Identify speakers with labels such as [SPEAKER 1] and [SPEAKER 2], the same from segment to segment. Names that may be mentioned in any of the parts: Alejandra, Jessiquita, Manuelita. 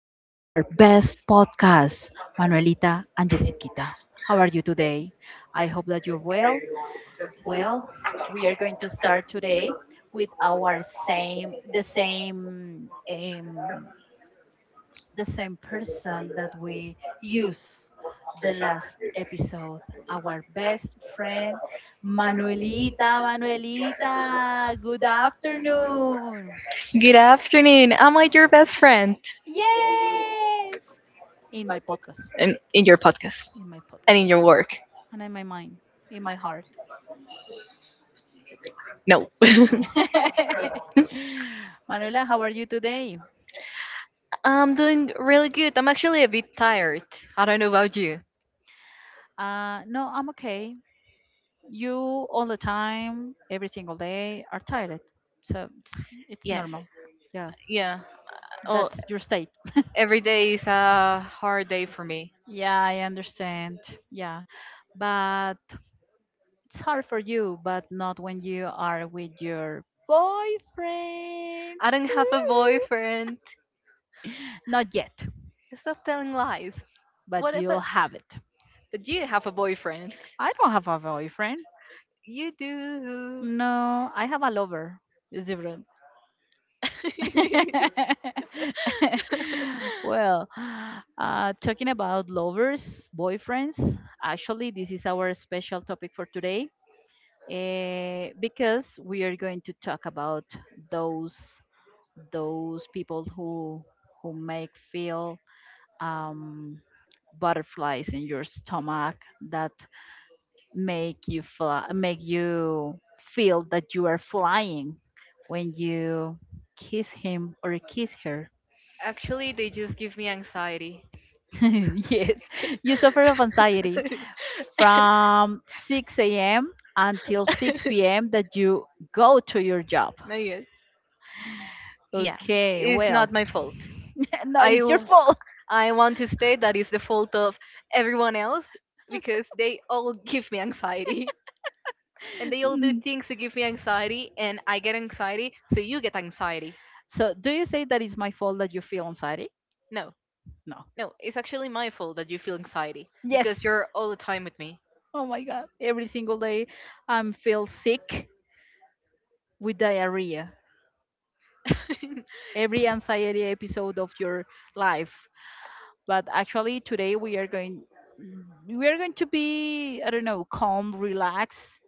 [SPEAKER 1] to our best podcast, Manuelita and Jessiquita. How are you today? I hope that you're well. Well, we are going to start today with our the same person that we use the last episode, our best friend, Manuelita. Manuelita, good afternoon.
[SPEAKER 2] Good afternoon. Am I your best friend?
[SPEAKER 1] Yes! In my podcast.
[SPEAKER 2] In your podcast
[SPEAKER 1] In my
[SPEAKER 2] and in
[SPEAKER 1] podcast.
[SPEAKER 2] your work?
[SPEAKER 1] And in my mind. In my heart.
[SPEAKER 2] No.
[SPEAKER 1] Manuela, how are you today?
[SPEAKER 2] I'm doing really good. I'm actually a bit tired. I don't know about you.
[SPEAKER 1] No, I'm okay. You all the time, every single day, are tired. So it's
[SPEAKER 2] Yes.
[SPEAKER 1] normal. Yeah,
[SPEAKER 2] Yeah. Oh,
[SPEAKER 1] that's your state.
[SPEAKER 2] every day is a hard day for me.
[SPEAKER 1] Yeah, I understand. Yeah, but it's hard for you, but not when you are with your boyfriend.
[SPEAKER 2] I don't have a boyfriend.
[SPEAKER 1] Not yet.
[SPEAKER 2] Stop telling lies.
[SPEAKER 1] But
[SPEAKER 2] What
[SPEAKER 1] you'll
[SPEAKER 2] about?
[SPEAKER 1] have it.
[SPEAKER 2] But you have a boyfriend.
[SPEAKER 1] I don't have a boyfriend.
[SPEAKER 2] You do.
[SPEAKER 1] No, I have a lover. It's different. Well, talking about lovers, boyfriends, actually, this is our special topic for today, because we are going to talk about those those people who make feel um, butterflies in your stomach that make you fly, make you feel that you are flying when you kiss him or kiss her.
[SPEAKER 2] Actually, they just give me anxiety.
[SPEAKER 1] Yes, you suffer of anxiety from 6 a.m. until 6 p.m. that you go to your job.
[SPEAKER 2] Not yet. Yeah,
[SPEAKER 1] Okay,
[SPEAKER 2] it's
[SPEAKER 1] well,
[SPEAKER 2] not my fault.
[SPEAKER 1] no,
[SPEAKER 2] I,
[SPEAKER 1] it's your
[SPEAKER 2] w-
[SPEAKER 1] fault.
[SPEAKER 2] I want to state that it's the fault of everyone else because they all give me anxiety. And they all do
[SPEAKER 1] Mm.
[SPEAKER 2] things to give me anxiety, and I get anxiety, so you get anxiety.
[SPEAKER 1] So, do you say that it's my fault that you feel anxiety?
[SPEAKER 2] No,
[SPEAKER 1] No.
[SPEAKER 2] no, it's actually my fault that you feel anxiety
[SPEAKER 1] Yes.
[SPEAKER 2] because you're all the time with me.
[SPEAKER 1] Oh my God. Every single day I am feel sick with diarrhea every anxiety episode of your life. But actually today we are going to be, I don't know, calm, relaxed,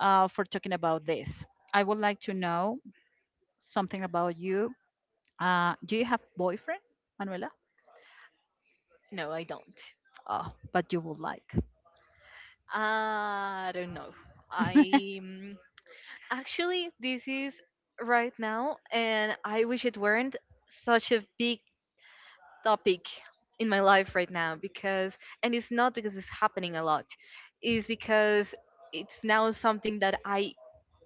[SPEAKER 1] for talking about this. I would like to know something about you. Do you have boyfriend, Manuela?
[SPEAKER 2] No, I don't.
[SPEAKER 1] Oh, but you would like?
[SPEAKER 2] I don't know. I. Actually, this is right now, and I wish it weren't such a big topic in my life right now because, and it's not because it's happening a lot, it's because it's now something that I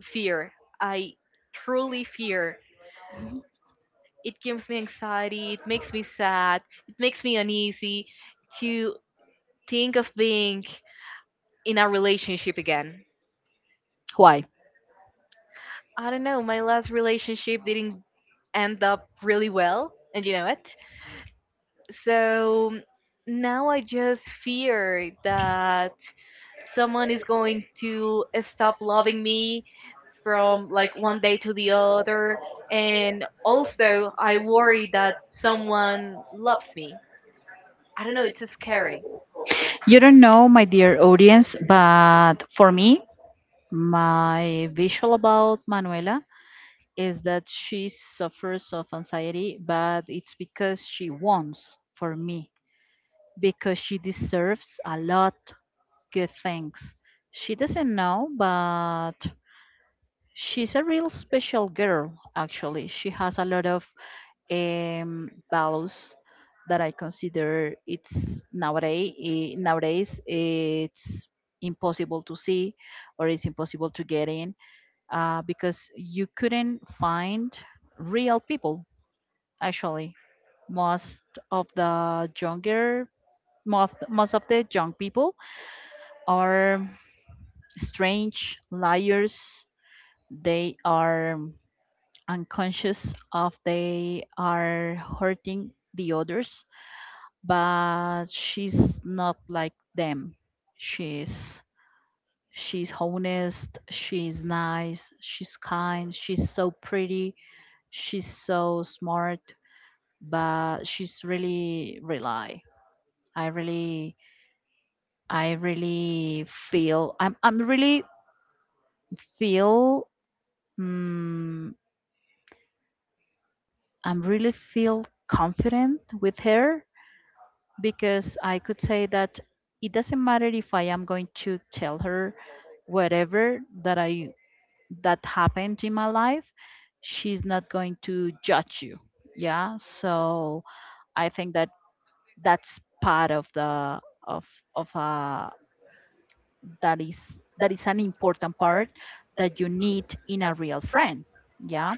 [SPEAKER 2] fear. I truly fear. It gives me anxiety, it makes me sad, it makes me uneasy to think of being in a relationship again.
[SPEAKER 1] Why?
[SPEAKER 2] I don't know, my last relationship didn't end up really well, and you know what? So now I just fear that someone is going to stop loving me from like one day to the other. And also, I worry that someone loves me. I don't know, it's scary.
[SPEAKER 1] You don't know, my dear audience, but for me my visual about Manuela is that she suffers of anxiety, but it's because she wants for me, because she deserves a lot good things. She doesn't know, but she's a real special girl, actually. She has a lot of values that I consider it's nowadays it's impossible to see or it's impossible to get in, because you couldn't find real people. Actually, most of the younger most of the young people are strange liars. They are unconscious of they are hurting the others, but she's not like them. She's she's honest, she's nice, she's kind, she's so pretty, she's so smart, but she's really rely. I really, I really feel I'm really feel, um, I'm really feel confident with her, because I could say that it doesn't matter if I am going to tell her whatever that happened in my life, she's not going to judge you. Yeah, so I think that that's part of the of of a that is that is an important part that you need in a real friend, yeah,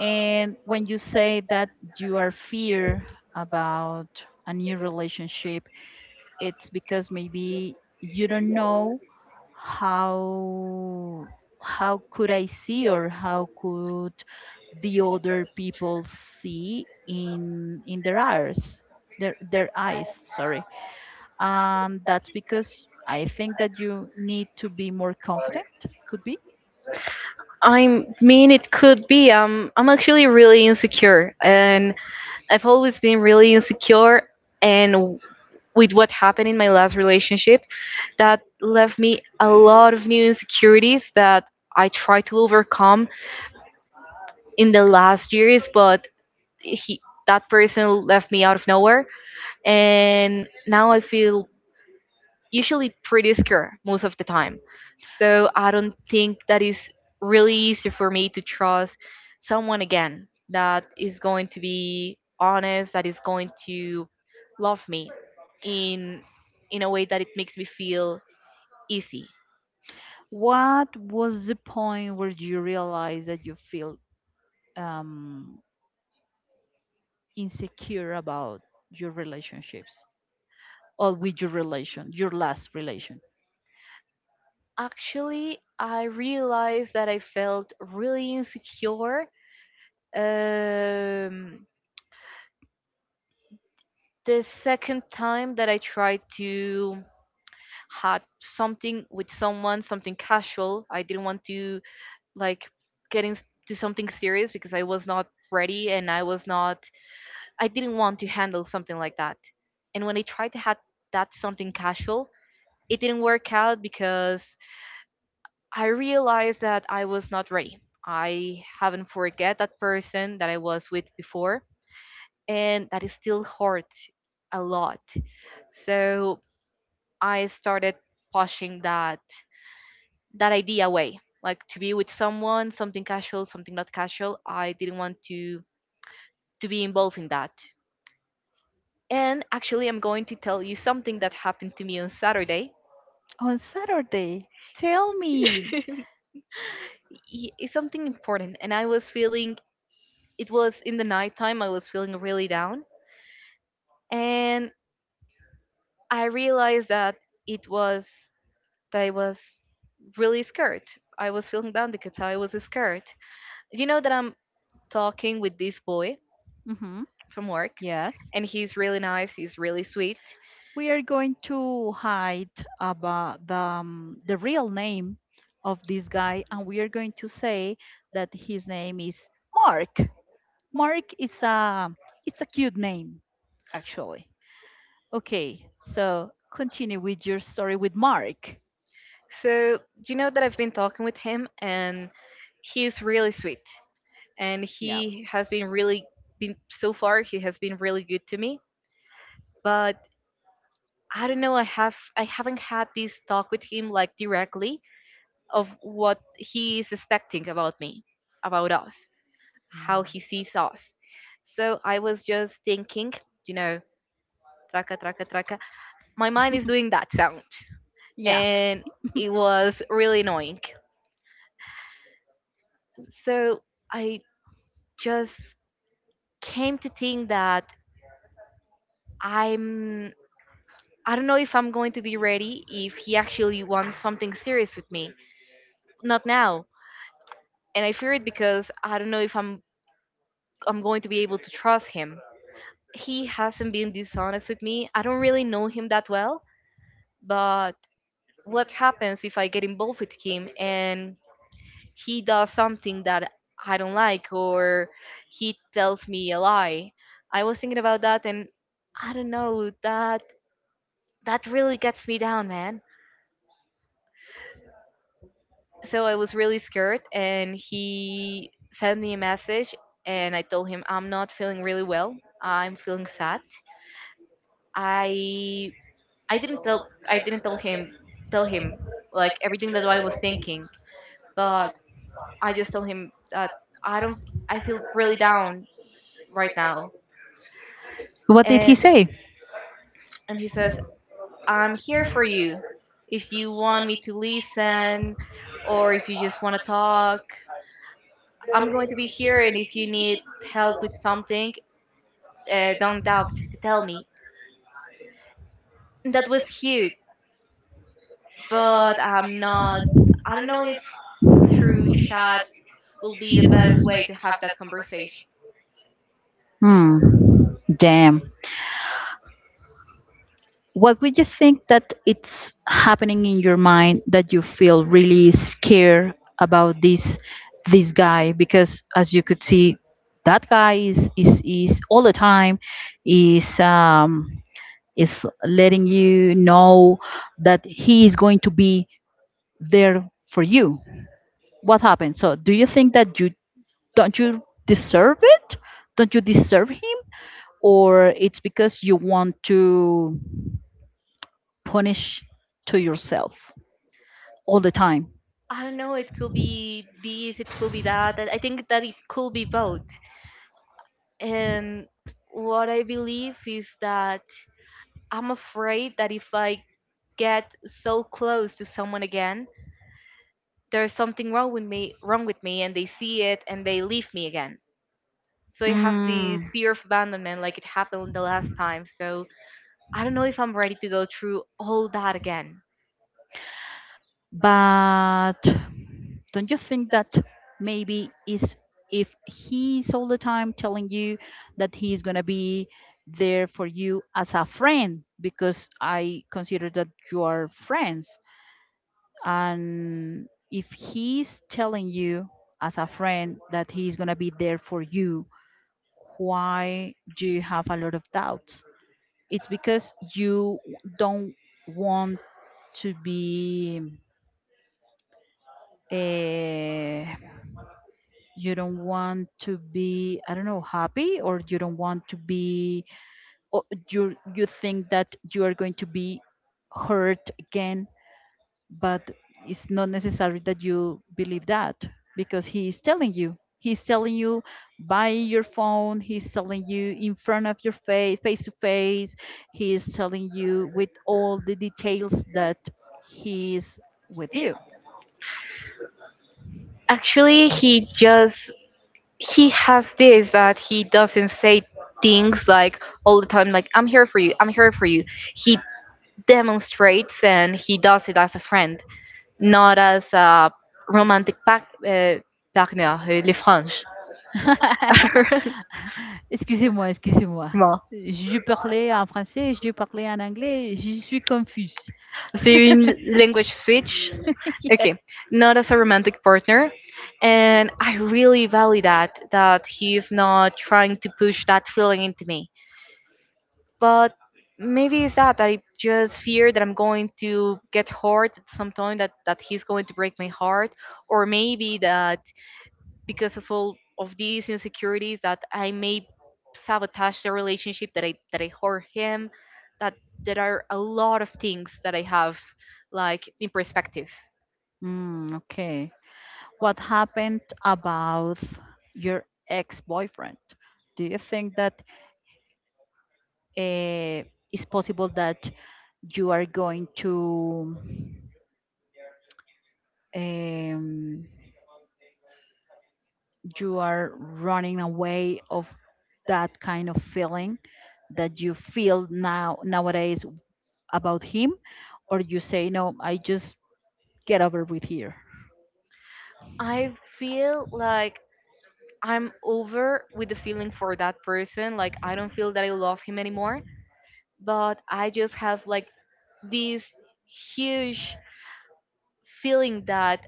[SPEAKER 1] and when you say that you are fear about a new relationship, it's because maybe you don't know how how could I see or how could the other people see in their eyes, their eyes sorry. That's because I think that you need to be more confident, could be.
[SPEAKER 2] I mean, it could be. I'm actually really insecure, and I've always been really insecure. And with what happened in my last relationship, that left me a lot of new insecurities that I tried to overcome in the last years, but he that person left me out of nowhere and now I feel usually pretty scared most of the time. So I don't think that is really easy for me to trust someone again that is going to be honest, that is going to love me in in a way that it makes me feel easy.
[SPEAKER 1] What was the point where you realized that you feel um, insecure about your relationships, or with your last relation?
[SPEAKER 2] Actually, I realized that I felt really insecure um, the second time that I tried to had something with someone, something casual. I didn't want to like get into something serious because I was not ready and I was not. I didn't want to handle something like that. And when I tried to have that something casual, it didn't work out because I realized that I was not ready. I haven't forget that person that I was with before, and that is still hurt a lot. So I started pushing that idea away, like to be with someone, something casual, something not casual. I didn't want to be involved in that. And actually, I'm going to tell you something that happened to me on Saturday.
[SPEAKER 1] On Saturday, tell me.
[SPEAKER 2] Y- It's something important, and I was feeling it was in the nighttime. I was feeling really down, and I realized that it was that I was really scared. I was feeling down because I was scared. You know that I'm talking with this boy
[SPEAKER 1] Hmm.
[SPEAKER 2] from work,
[SPEAKER 1] Yes.
[SPEAKER 2] and he's really nice. He's really sweet.
[SPEAKER 1] We are going to hide about the real name of this guy, and we are going to say that his name is Mark. Mark is a. It's a cute name, actually. Okay, so continue with your story with Mark.
[SPEAKER 2] So you know that I've been talking with him, and he's really sweet, and
[SPEAKER 1] Yeah.
[SPEAKER 2] he has been really been so far. He has been really good to me, but I don't know. I haven't had this talk with him like directly, of what he is expecting about me, about us,
[SPEAKER 1] Mm.
[SPEAKER 2] how he sees us. So I was just thinking, you know, traka, traka, traka. My mind is doing that sound,
[SPEAKER 1] Yeah.
[SPEAKER 2] and it was really annoying. So I just came to think that I'm. I don't know if I'm going to be ready if he actually wants something serious with me. Not now. And I fear it because I don't know if I'm going to be able to trust him. He hasn't been dishonest with me. I don't really know him that well, but what happens if I get involved with him and he does something that I don't like or he tells me a lie? I was thinking about that and I don't know, that that really gets me down, man. So I was really scared and he sent me a message and I told him I'm not feeling really well. I'm feeling sad. I I didn't tell I didn't tell him tell him like everything that I was thinking, but I just told him that I don't I feel really down right now.
[SPEAKER 1] What did he
[SPEAKER 2] And
[SPEAKER 1] say?
[SPEAKER 2] and he says, "I'm here for you. If you want me to listen or if you just want to talk, I'm going to be here and if you need help with something, don't doubt to tell me." And that was huge, but I'm not I don't know if through chat will be the best way to have that conversation?
[SPEAKER 1] Hmm. Damn. What would you think that it's happening in your mind that you feel really scared about this guy? Because as you could see, that guy is all the time is um is letting you know that he is going to be there for you. What happened? So do you think that you don't you deserve it? Don't you deserve him? Or it's because you want to punish to yourself all the time?
[SPEAKER 2] I don't know. It could be this. It could be that. I think that it could be both. And what I believe is that I'm afraid that if I get so close to someone again, there's something wrong with me, and they see it and they leave me again. So I have
[SPEAKER 1] Mm,
[SPEAKER 2] this fear of abandonment, like it happened the last time. So I don't know if I'm ready to go through all that again.
[SPEAKER 1] but don't you think that maybe is if he's all the time telling you that he's gonna be there for you as a friend, because I consider that you are friends, and if he's telling you as a friend that he's going to be there for you, why do you have a lot of doubts? It's because you don't want to be, eh, you don't want to be, I don't know, happy, or you don't want to be, or you think that you are going to be hurt again. But it's not necessary that you believe that, because he is telling you, he's telling you by your phone, he's telling you in front of your face to face, he is telling you with all the details that he is with you.
[SPEAKER 2] Actually, he just he has this that he doesn't say things like all the time like I'm here for you he demonstrates and he does it as a friend, not as a romantic partner, les franges.
[SPEAKER 1] Excusez-moi, excusez-moi.
[SPEAKER 2] Bon.
[SPEAKER 1] Je parlais en français, je parlais en anglais, je suis confuse.
[SPEAKER 2] C'est une language switch.
[SPEAKER 1] Yes.
[SPEAKER 2] Okay, not as a romantic partner, and I really value that he's not trying to push that feeling into me, but maybe it's that I just fear that I'm going to get hurt at some time, that he's going to break my heart, or maybe that because of all of these insecurities that I may sabotage the relationship, that I hurt him, that there are a lot of things that I have like in perspective.
[SPEAKER 1] Mm, okay. What happened about your ex-boyfriend? Do you think that it's possible that you are going to, um, you are running away of that kind of feeling that you feel now nowadays about him, or you say no, I just get over with here.
[SPEAKER 2] I feel like I'm over with the feeling for that person. Like I don't feel that I love him anymore, but I just have like this huge feeling that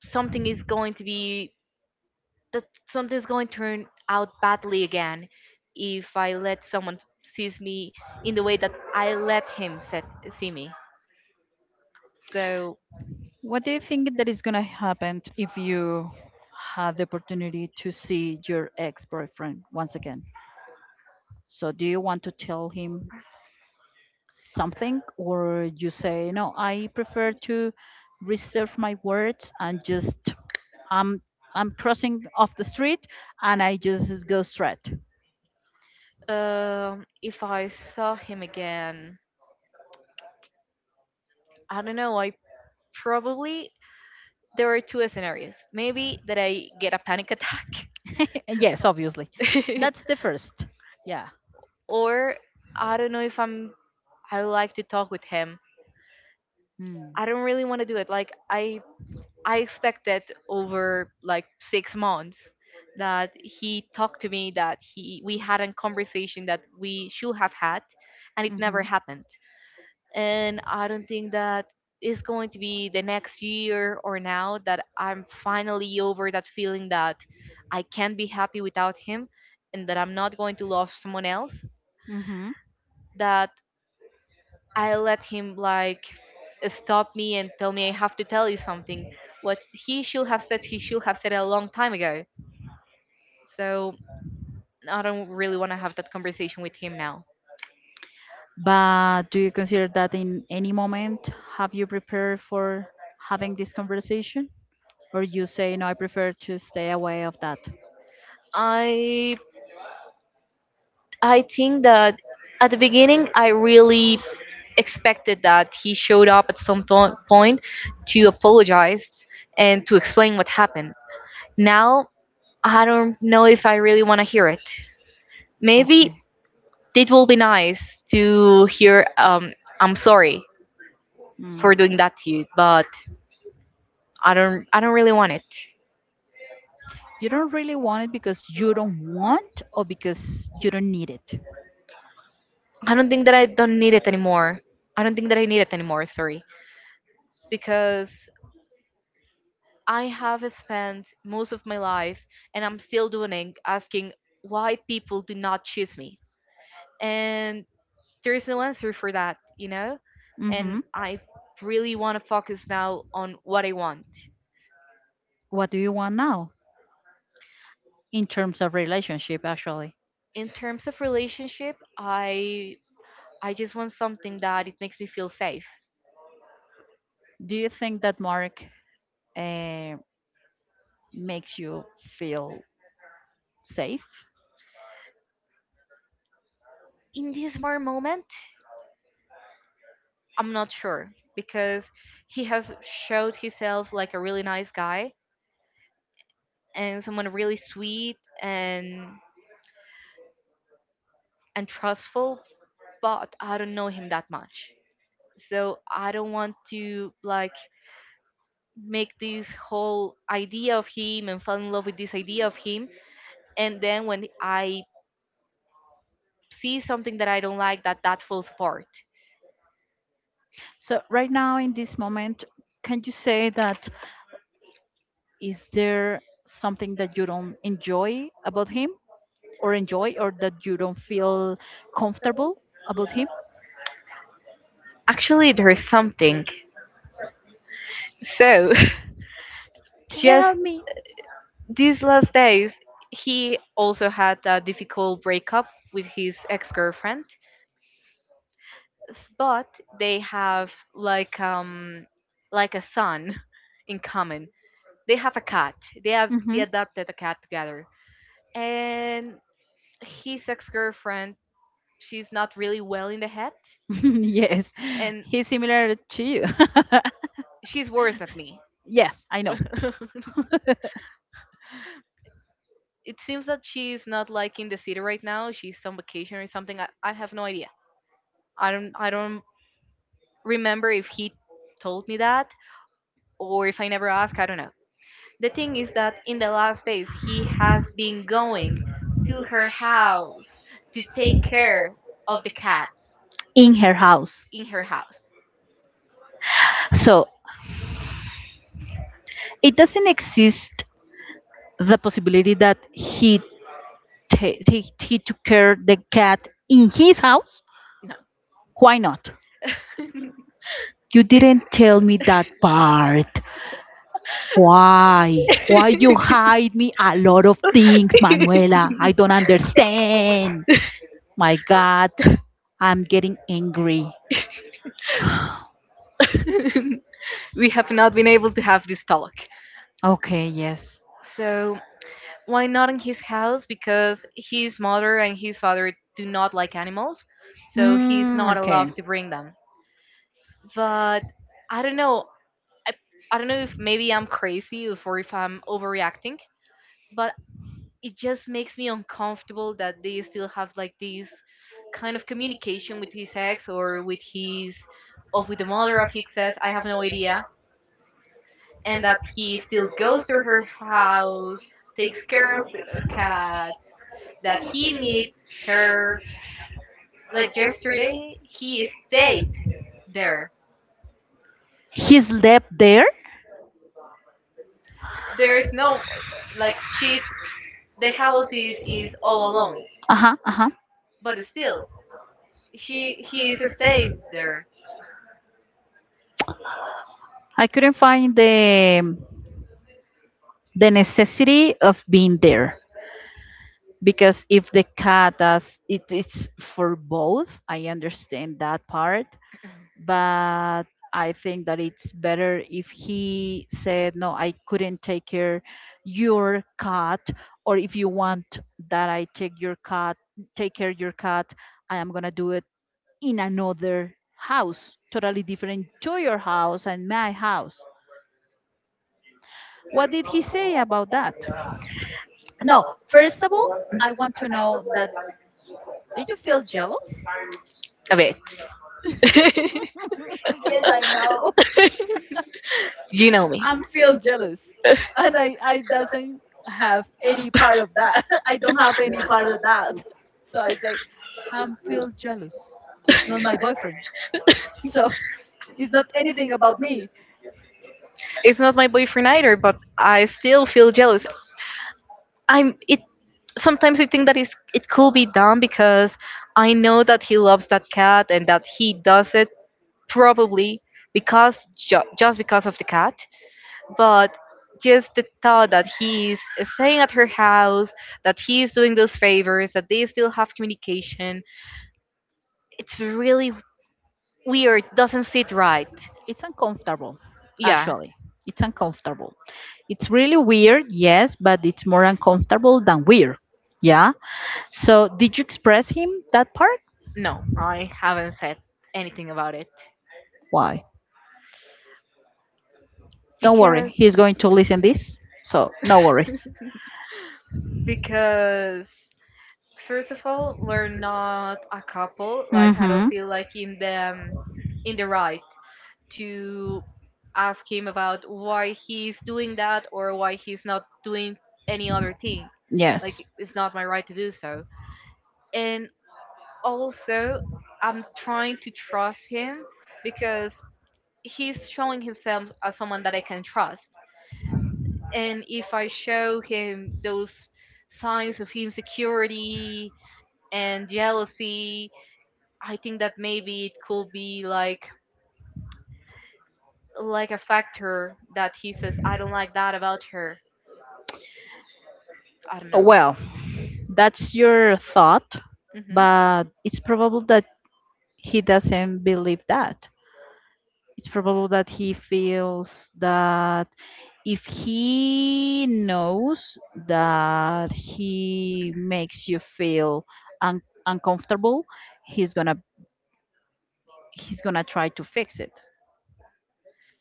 [SPEAKER 2] something is going to be that something is going to turn out badly again if I let someone sees me in the way that I let him set, see me. So
[SPEAKER 1] What do you think that is gonna happen if you had the opportunity to see your ex boyfriend once again? So do you want to tell him something, or you say no, I prefer to reserve my words and just I'm I'm crossing off the street and I just go straight.
[SPEAKER 2] if I saw him again, I don't know. I probably there are two scenarios. Maybe that I get a panic attack,
[SPEAKER 1] Yes, obviously. That's the first. Yeah.
[SPEAKER 2] or I don't know if I'm. I like to talk with him.
[SPEAKER 1] Hmm.
[SPEAKER 2] I don't really want to do it. I expected over like 6 months that he talked to me, that he we had a conversation that we should have had and it never
[SPEAKER 1] Mhm.
[SPEAKER 2] happened. And I don't think that is going to be the next year or now that I'm finally over that feeling that I can't be happy without him and that I'm not going to love someone else.
[SPEAKER 1] Mhm.
[SPEAKER 2] That I let him like stop me and tell me I have to tell you something. What he should have said, he should have said a long time ago. So I don't really want to have that conversation with him now.
[SPEAKER 1] But do you consider that in any moment have you prepared for having this conversation? Or you say, no, I prefer to stay away of that?
[SPEAKER 2] I I think that at the beginning I really expected that he showed up at some point to apologize and to explain what happened. Now I don't know if I really want to hear it. Maybe
[SPEAKER 1] Okay.
[SPEAKER 2] it will be nice to hear I'm sorry
[SPEAKER 1] Mm.
[SPEAKER 2] for doing that to you, but I don't really want it.
[SPEAKER 1] You don't really want it because you don't want or because you don't need it.
[SPEAKER 2] I don't think that I don't need it anymore. I don't think that I need it anymore, sorry. Because I have spent most of my life and I'm still doing it asking why people do not choose me. And there is no answer for that, you know? And
[SPEAKER 1] Hmm.
[SPEAKER 2] I really want to focus now on what I want.
[SPEAKER 1] What do you want now in terms of relationship, actually?
[SPEAKER 2] In terms of relationship, I just want something that it makes me feel safe.
[SPEAKER 1] Do you think that Mark uh, makes you feel safe?
[SPEAKER 2] In this more moment, I'm not sure because he has showed himself like a really nice guy and someone really sweet and trustful, but I don't know him that much. So I don't want to like make this whole idea of him and fall in love with this idea of him and then when I see something that I don't like, that falls apart.
[SPEAKER 1] So, right now in this moment, can you say that, is there something that you don't enjoy about him, or enjoy, or that you don't feel comfortable about him?
[SPEAKER 2] Actually there is something. So
[SPEAKER 1] Tell
[SPEAKER 2] just
[SPEAKER 1] me.
[SPEAKER 2] these last days, he also had a difficult breakup with his ex-girlfriend, s- but they have like a son in common. They have a cat. They
[SPEAKER 1] Hmm.
[SPEAKER 2] adopted a cat together. And his ex-girlfriend, she's not really well in the head,
[SPEAKER 1] Yes,
[SPEAKER 2] and
[SPEAKER 1] he's similar to you.
[SPEAKER 2] she's worse than me.
[SPEAKER 1] Yes, I know.
[SPEAKER 2] It seems that she's not like in the city right now. She's on vacation or something. I have no idea. I don't remember if he told me that or if I never asked. I don't know. The thing is that in the last days, he has been going to her house to take care of the cats
[SPEAKER 1] In her house.
[SPEAKER 2] in her house.
[SPEAKER 1] So it doesn't exist the possibility that he took care the cat in his house.
[SPEAKER 2] No.
[SPEAKER 1] Why not? You
[SPEAKER 2] Bec-
[SPEAKER 1] didn't tell me that part. Why? Why you hide me a lot of things, Manuela? I don't understand. My God, I'm getting angry.
[SPEAKER 2] we have not been able to have this talk.
[SPEAKER 1] Okay, yes.
[SPEAKER 2] So why not in his house? Because his mother and his father do not like animals, so he's
[SPEAKER 1] Mm,
[SPEAKER 2] not
[SPEAKER 1] okay.
[SPEAKER 2] allowed to bring them. But I don't know. I, I don't know if maybe I'm crazy if- or if I'm overreacting, but it just makes me uncomfortable that they still have like this kind of communication with his ex or with his or with the mother of his ex. I have no idea, and that he still goes to her house, takes care of the cat, that he meets her. Like yesterday, he stayed there.
[SPEAKER 1] He slept there?
[SPEAKER 2] There's no like she's the house is all alone,
[SPEAKER 1] Uh-huh, uh-huh.
[SPEAKER 2] but still she he is staying there
[SPEAKER 1] I couldn't find the necessity of being there, because if the cat does it, it's for both. I understand that part, but I think that it's better if he said, no, I couldn't take care your cat, or if you want that I take your cat, take care your cat, I am gonna do it in another house, totally different to your house and my house. What did he say about that? No, first of all, I want to know that, did you feel jealous?
[SPEAKER 2] a bit.
[SPEAKER 1] Yes, I know.
[SPEAKER 2] You know me.
[SPEAKER 1] I'm feel jealous, and I doesn't have any part of that. I don't have any part of that. So I say, I'm feel jealous. It's not my boyfriend, so it's not anything about me.
[SPEAKER 2] It's not my boyfriend either, but I still feel jealous. I'm it sometimes I think that it's, it could be done because I know that he loves that cat and that he does it probably because just because of the cat, but just the thought that he's staying at her house, that he's doing those favors, that they still have communication, it's really weird. Doesn't sit right.
[SPEAKER 1] It's uncomfortable,
[SPEAKER 2] Yeah,
[SPEAKER 1] actually. It's uncomfortable. It's really weird, yes, but it's more uncomfortable than weird.
[SPEAKER 2] yeah.
[SPEAKER 1] Yeah. So did you express him that part?
[SPEAKER 2] No, I haven't said anything about it.
[SPEAKER 1] Why? Don't worry,
[SPEAKER 2] Because
[SPEAKER 1] he's going to listen this. So no worries.
[SPEAKER 2] because first of all, we're not a couple. Like I don't
[SPEAKER 1] Mm-hmm.
[SPEAKER 2] feel like in the right to ask him about why he's doing that or why he's not doing any other thing. Like
[SPEAKER 1] Yes.
[SPEAKER 2] it's not my right to do so. And also, I'm trying to trust him because he's showing himself as someone that I can trust. And if I show him those signs of insecurity and jealousy, I think that maybe it could be like a factor that he says, I don't like that about her. I don't know.
[SPEAKER 1] Well, that's your thought,
[SPEAKER 2] Hmm.
[SPEAKER 1] but it's probable that he doesn't believe that. It's probable that he feels that if he knows that he makes you feel un- uncomfortable, he's gonna he's gonna try to fix it.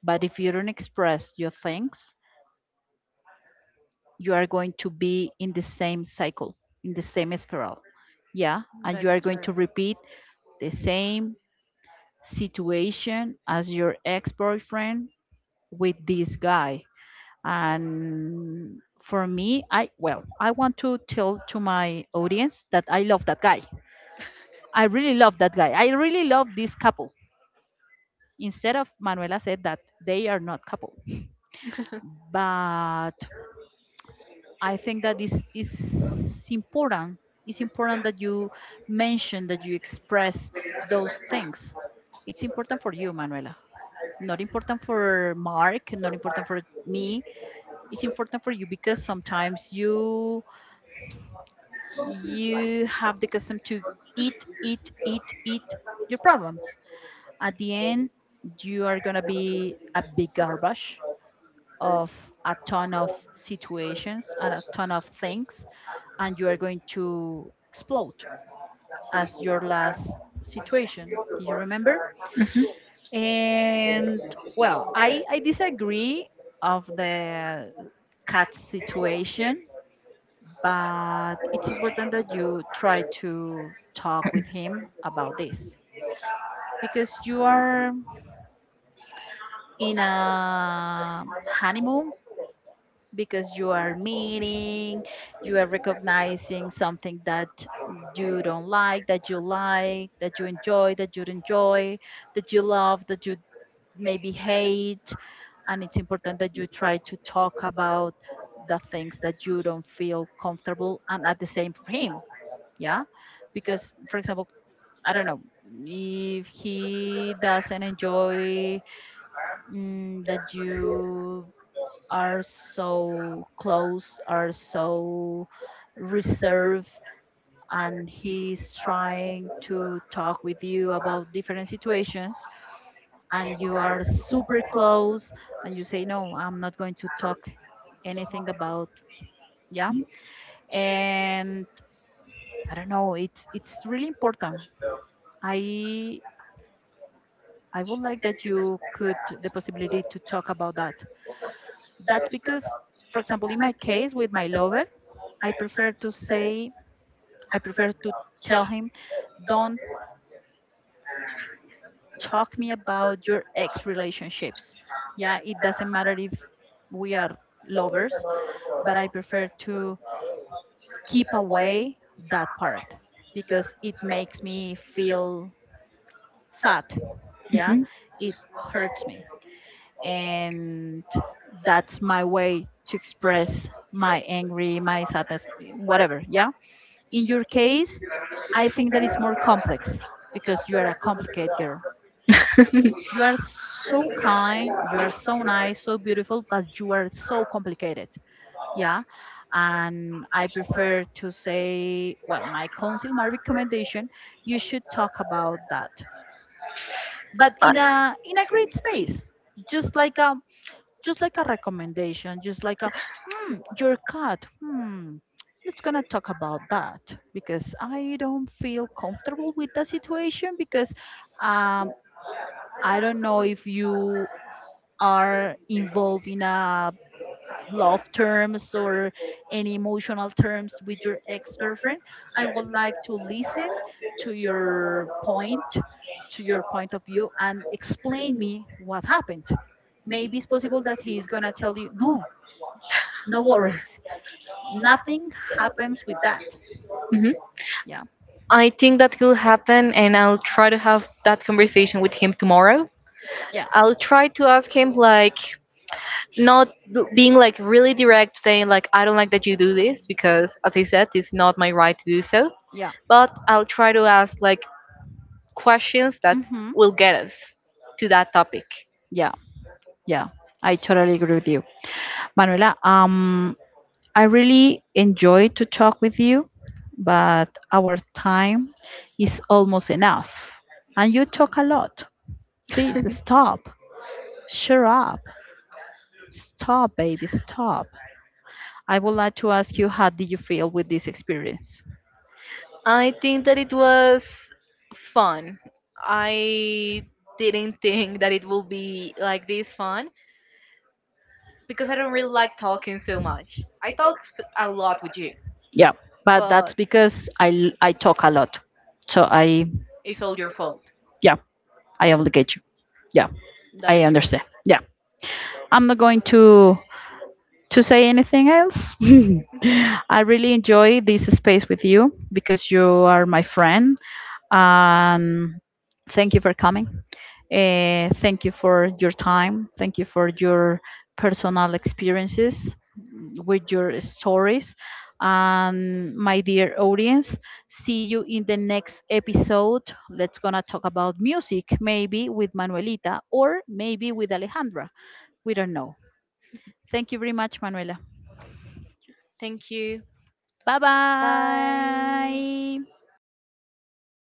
[SPEAKER 1] But if you don't express your things, you are going to be in the same cycle, in the same spiral. Yeah, and you
[SPEAKER 2] That
[SPEAKER 1] are
[SPEAKER 2] is
[SPEAKER 1] going
[SPEAKER 2] true.
[SPEAKER 1] to repeat the same situation as your ex boyfriend with this guy. And for me, well, I want to tell to my audience that I love that guy. I really love that guy. I really love this couple. Instead of Manuela said that they are not couple, but I think that is important. It's important that you mention that you express those things. It's important for you, Manuela. Not important for Mark, not important for me. It's important for you because sometimes you have the custom to eat, eat, eat, eat your problems. At the end, you are gonna be a big garbage of a ton of situations and a ton of things, and you are going to explode as your last situation, do you remember? And, well, I disagree of the cat situation, but it's important that you try to talk with him about this, because you are in a honeymoon, because you are meaning, you are recognizing something that you don't like, that you like, that you enjoy, that you love, that you maybe hate. And it's important that you try to talk about the things that you don't feel comfortable and at the same for him. Yeah. Because, for example, I don't know if he doesn't enjoy, that you are so close, are so reserved, and he's trying to talk with you about different situations, and you are super close, and you say, no, I'm not going to talk anything about, yeah. And I don't know, it's really important. I, I would like that you could the possibility to talk about that. That's because, for example, in my case with my lover, I prefer to say I prefer to tell him, don't talk me about your ex relationships. Yeah, it doesn't matter if we are lovers, but I prefer to keep away that part because it makes me feel sad. Yeah,
[SPEAKER 2] Hmm.
[SPEAKER 1] it hurts me. And that's my way to express my angry, my sadness, whatever. Yeah. In your case, I think that it's more complex because you are a complicated girl. You are so kind, you are so nice, so beautiful, but you are so complicated. Yeah. And I prefer to say, well, my counsel, my recommendation, you should talk about that. But in a great space. Just like a just like a recommendation, just like a, your cut, let's gonna talk about that because I don't feel comfortable with the situation, because um I don't know if you are involved in a love terms or any emotional terms with your ex-girlfriend. I would like to listen to your point to your point of view and explain me what happened. Maybe it's possible that he's gonna tell you no, no worries, nothing happens with that.
[SPEAKER 2] Hmm.
[SPEAKER 1] Yeah,
[SPEAKER 2] I think that could happen, and I'll try to have that conversation with him tomorrow.
[SPEAKER 1] yeah,
[SPEAKER 2] I'll try to ask him, like, not being like really direct, saying, like, I don't like that you do this because, as I said, it's not my right to do so.
[SPEAKER 1] yeah.
[SPEAKER 2] But I'll try to ask, like, questions that
[SPEAKER 1] Mm-hmm.
[SPEAKER 2] will get us to that topic.
[SPEAKER 1] Yeah, yeah, I totally agree with you, Manuela. I really enjoy to talk with you, but our time is almost enough, and you talk a lot. Please stop. Shut up. Stop, baby. Stop. I would like to ask you how did you feel with this experience?
[SPEAKER 2] I think that it was fun. I didn't think that it will be like this fun because I don't really like talking so much. I talk s- a lot with you,
[SPEAKER 1] Yeah, but that's
[SPEAKER 2] but
[SPEAKER 1] because I talk a lot, so I,
[SPEAKER 2] it's all your fault.
[SPEAKER 1] yeah, I obligate you. Yeah,
[SPEAKER 2] That
[SPEAKER 1] I
[SPEAKER 2] is true.
[SPEAKER 1] understand. Yeah, I'm not going to say anything else. I really enjoy this space with you because you are my friend. And thank you for coming. Thank you for your time. Thank you for your personal experiences with your stories. And my dear audience, see you in the next episode. Let's gonna talk about music, maybe with Manuelita or maybe with Alejandra. We don't know. Thank you very much, Manuela.
[SPEAKER 2] Thank you.
[SPEAKER 1] 拜拜。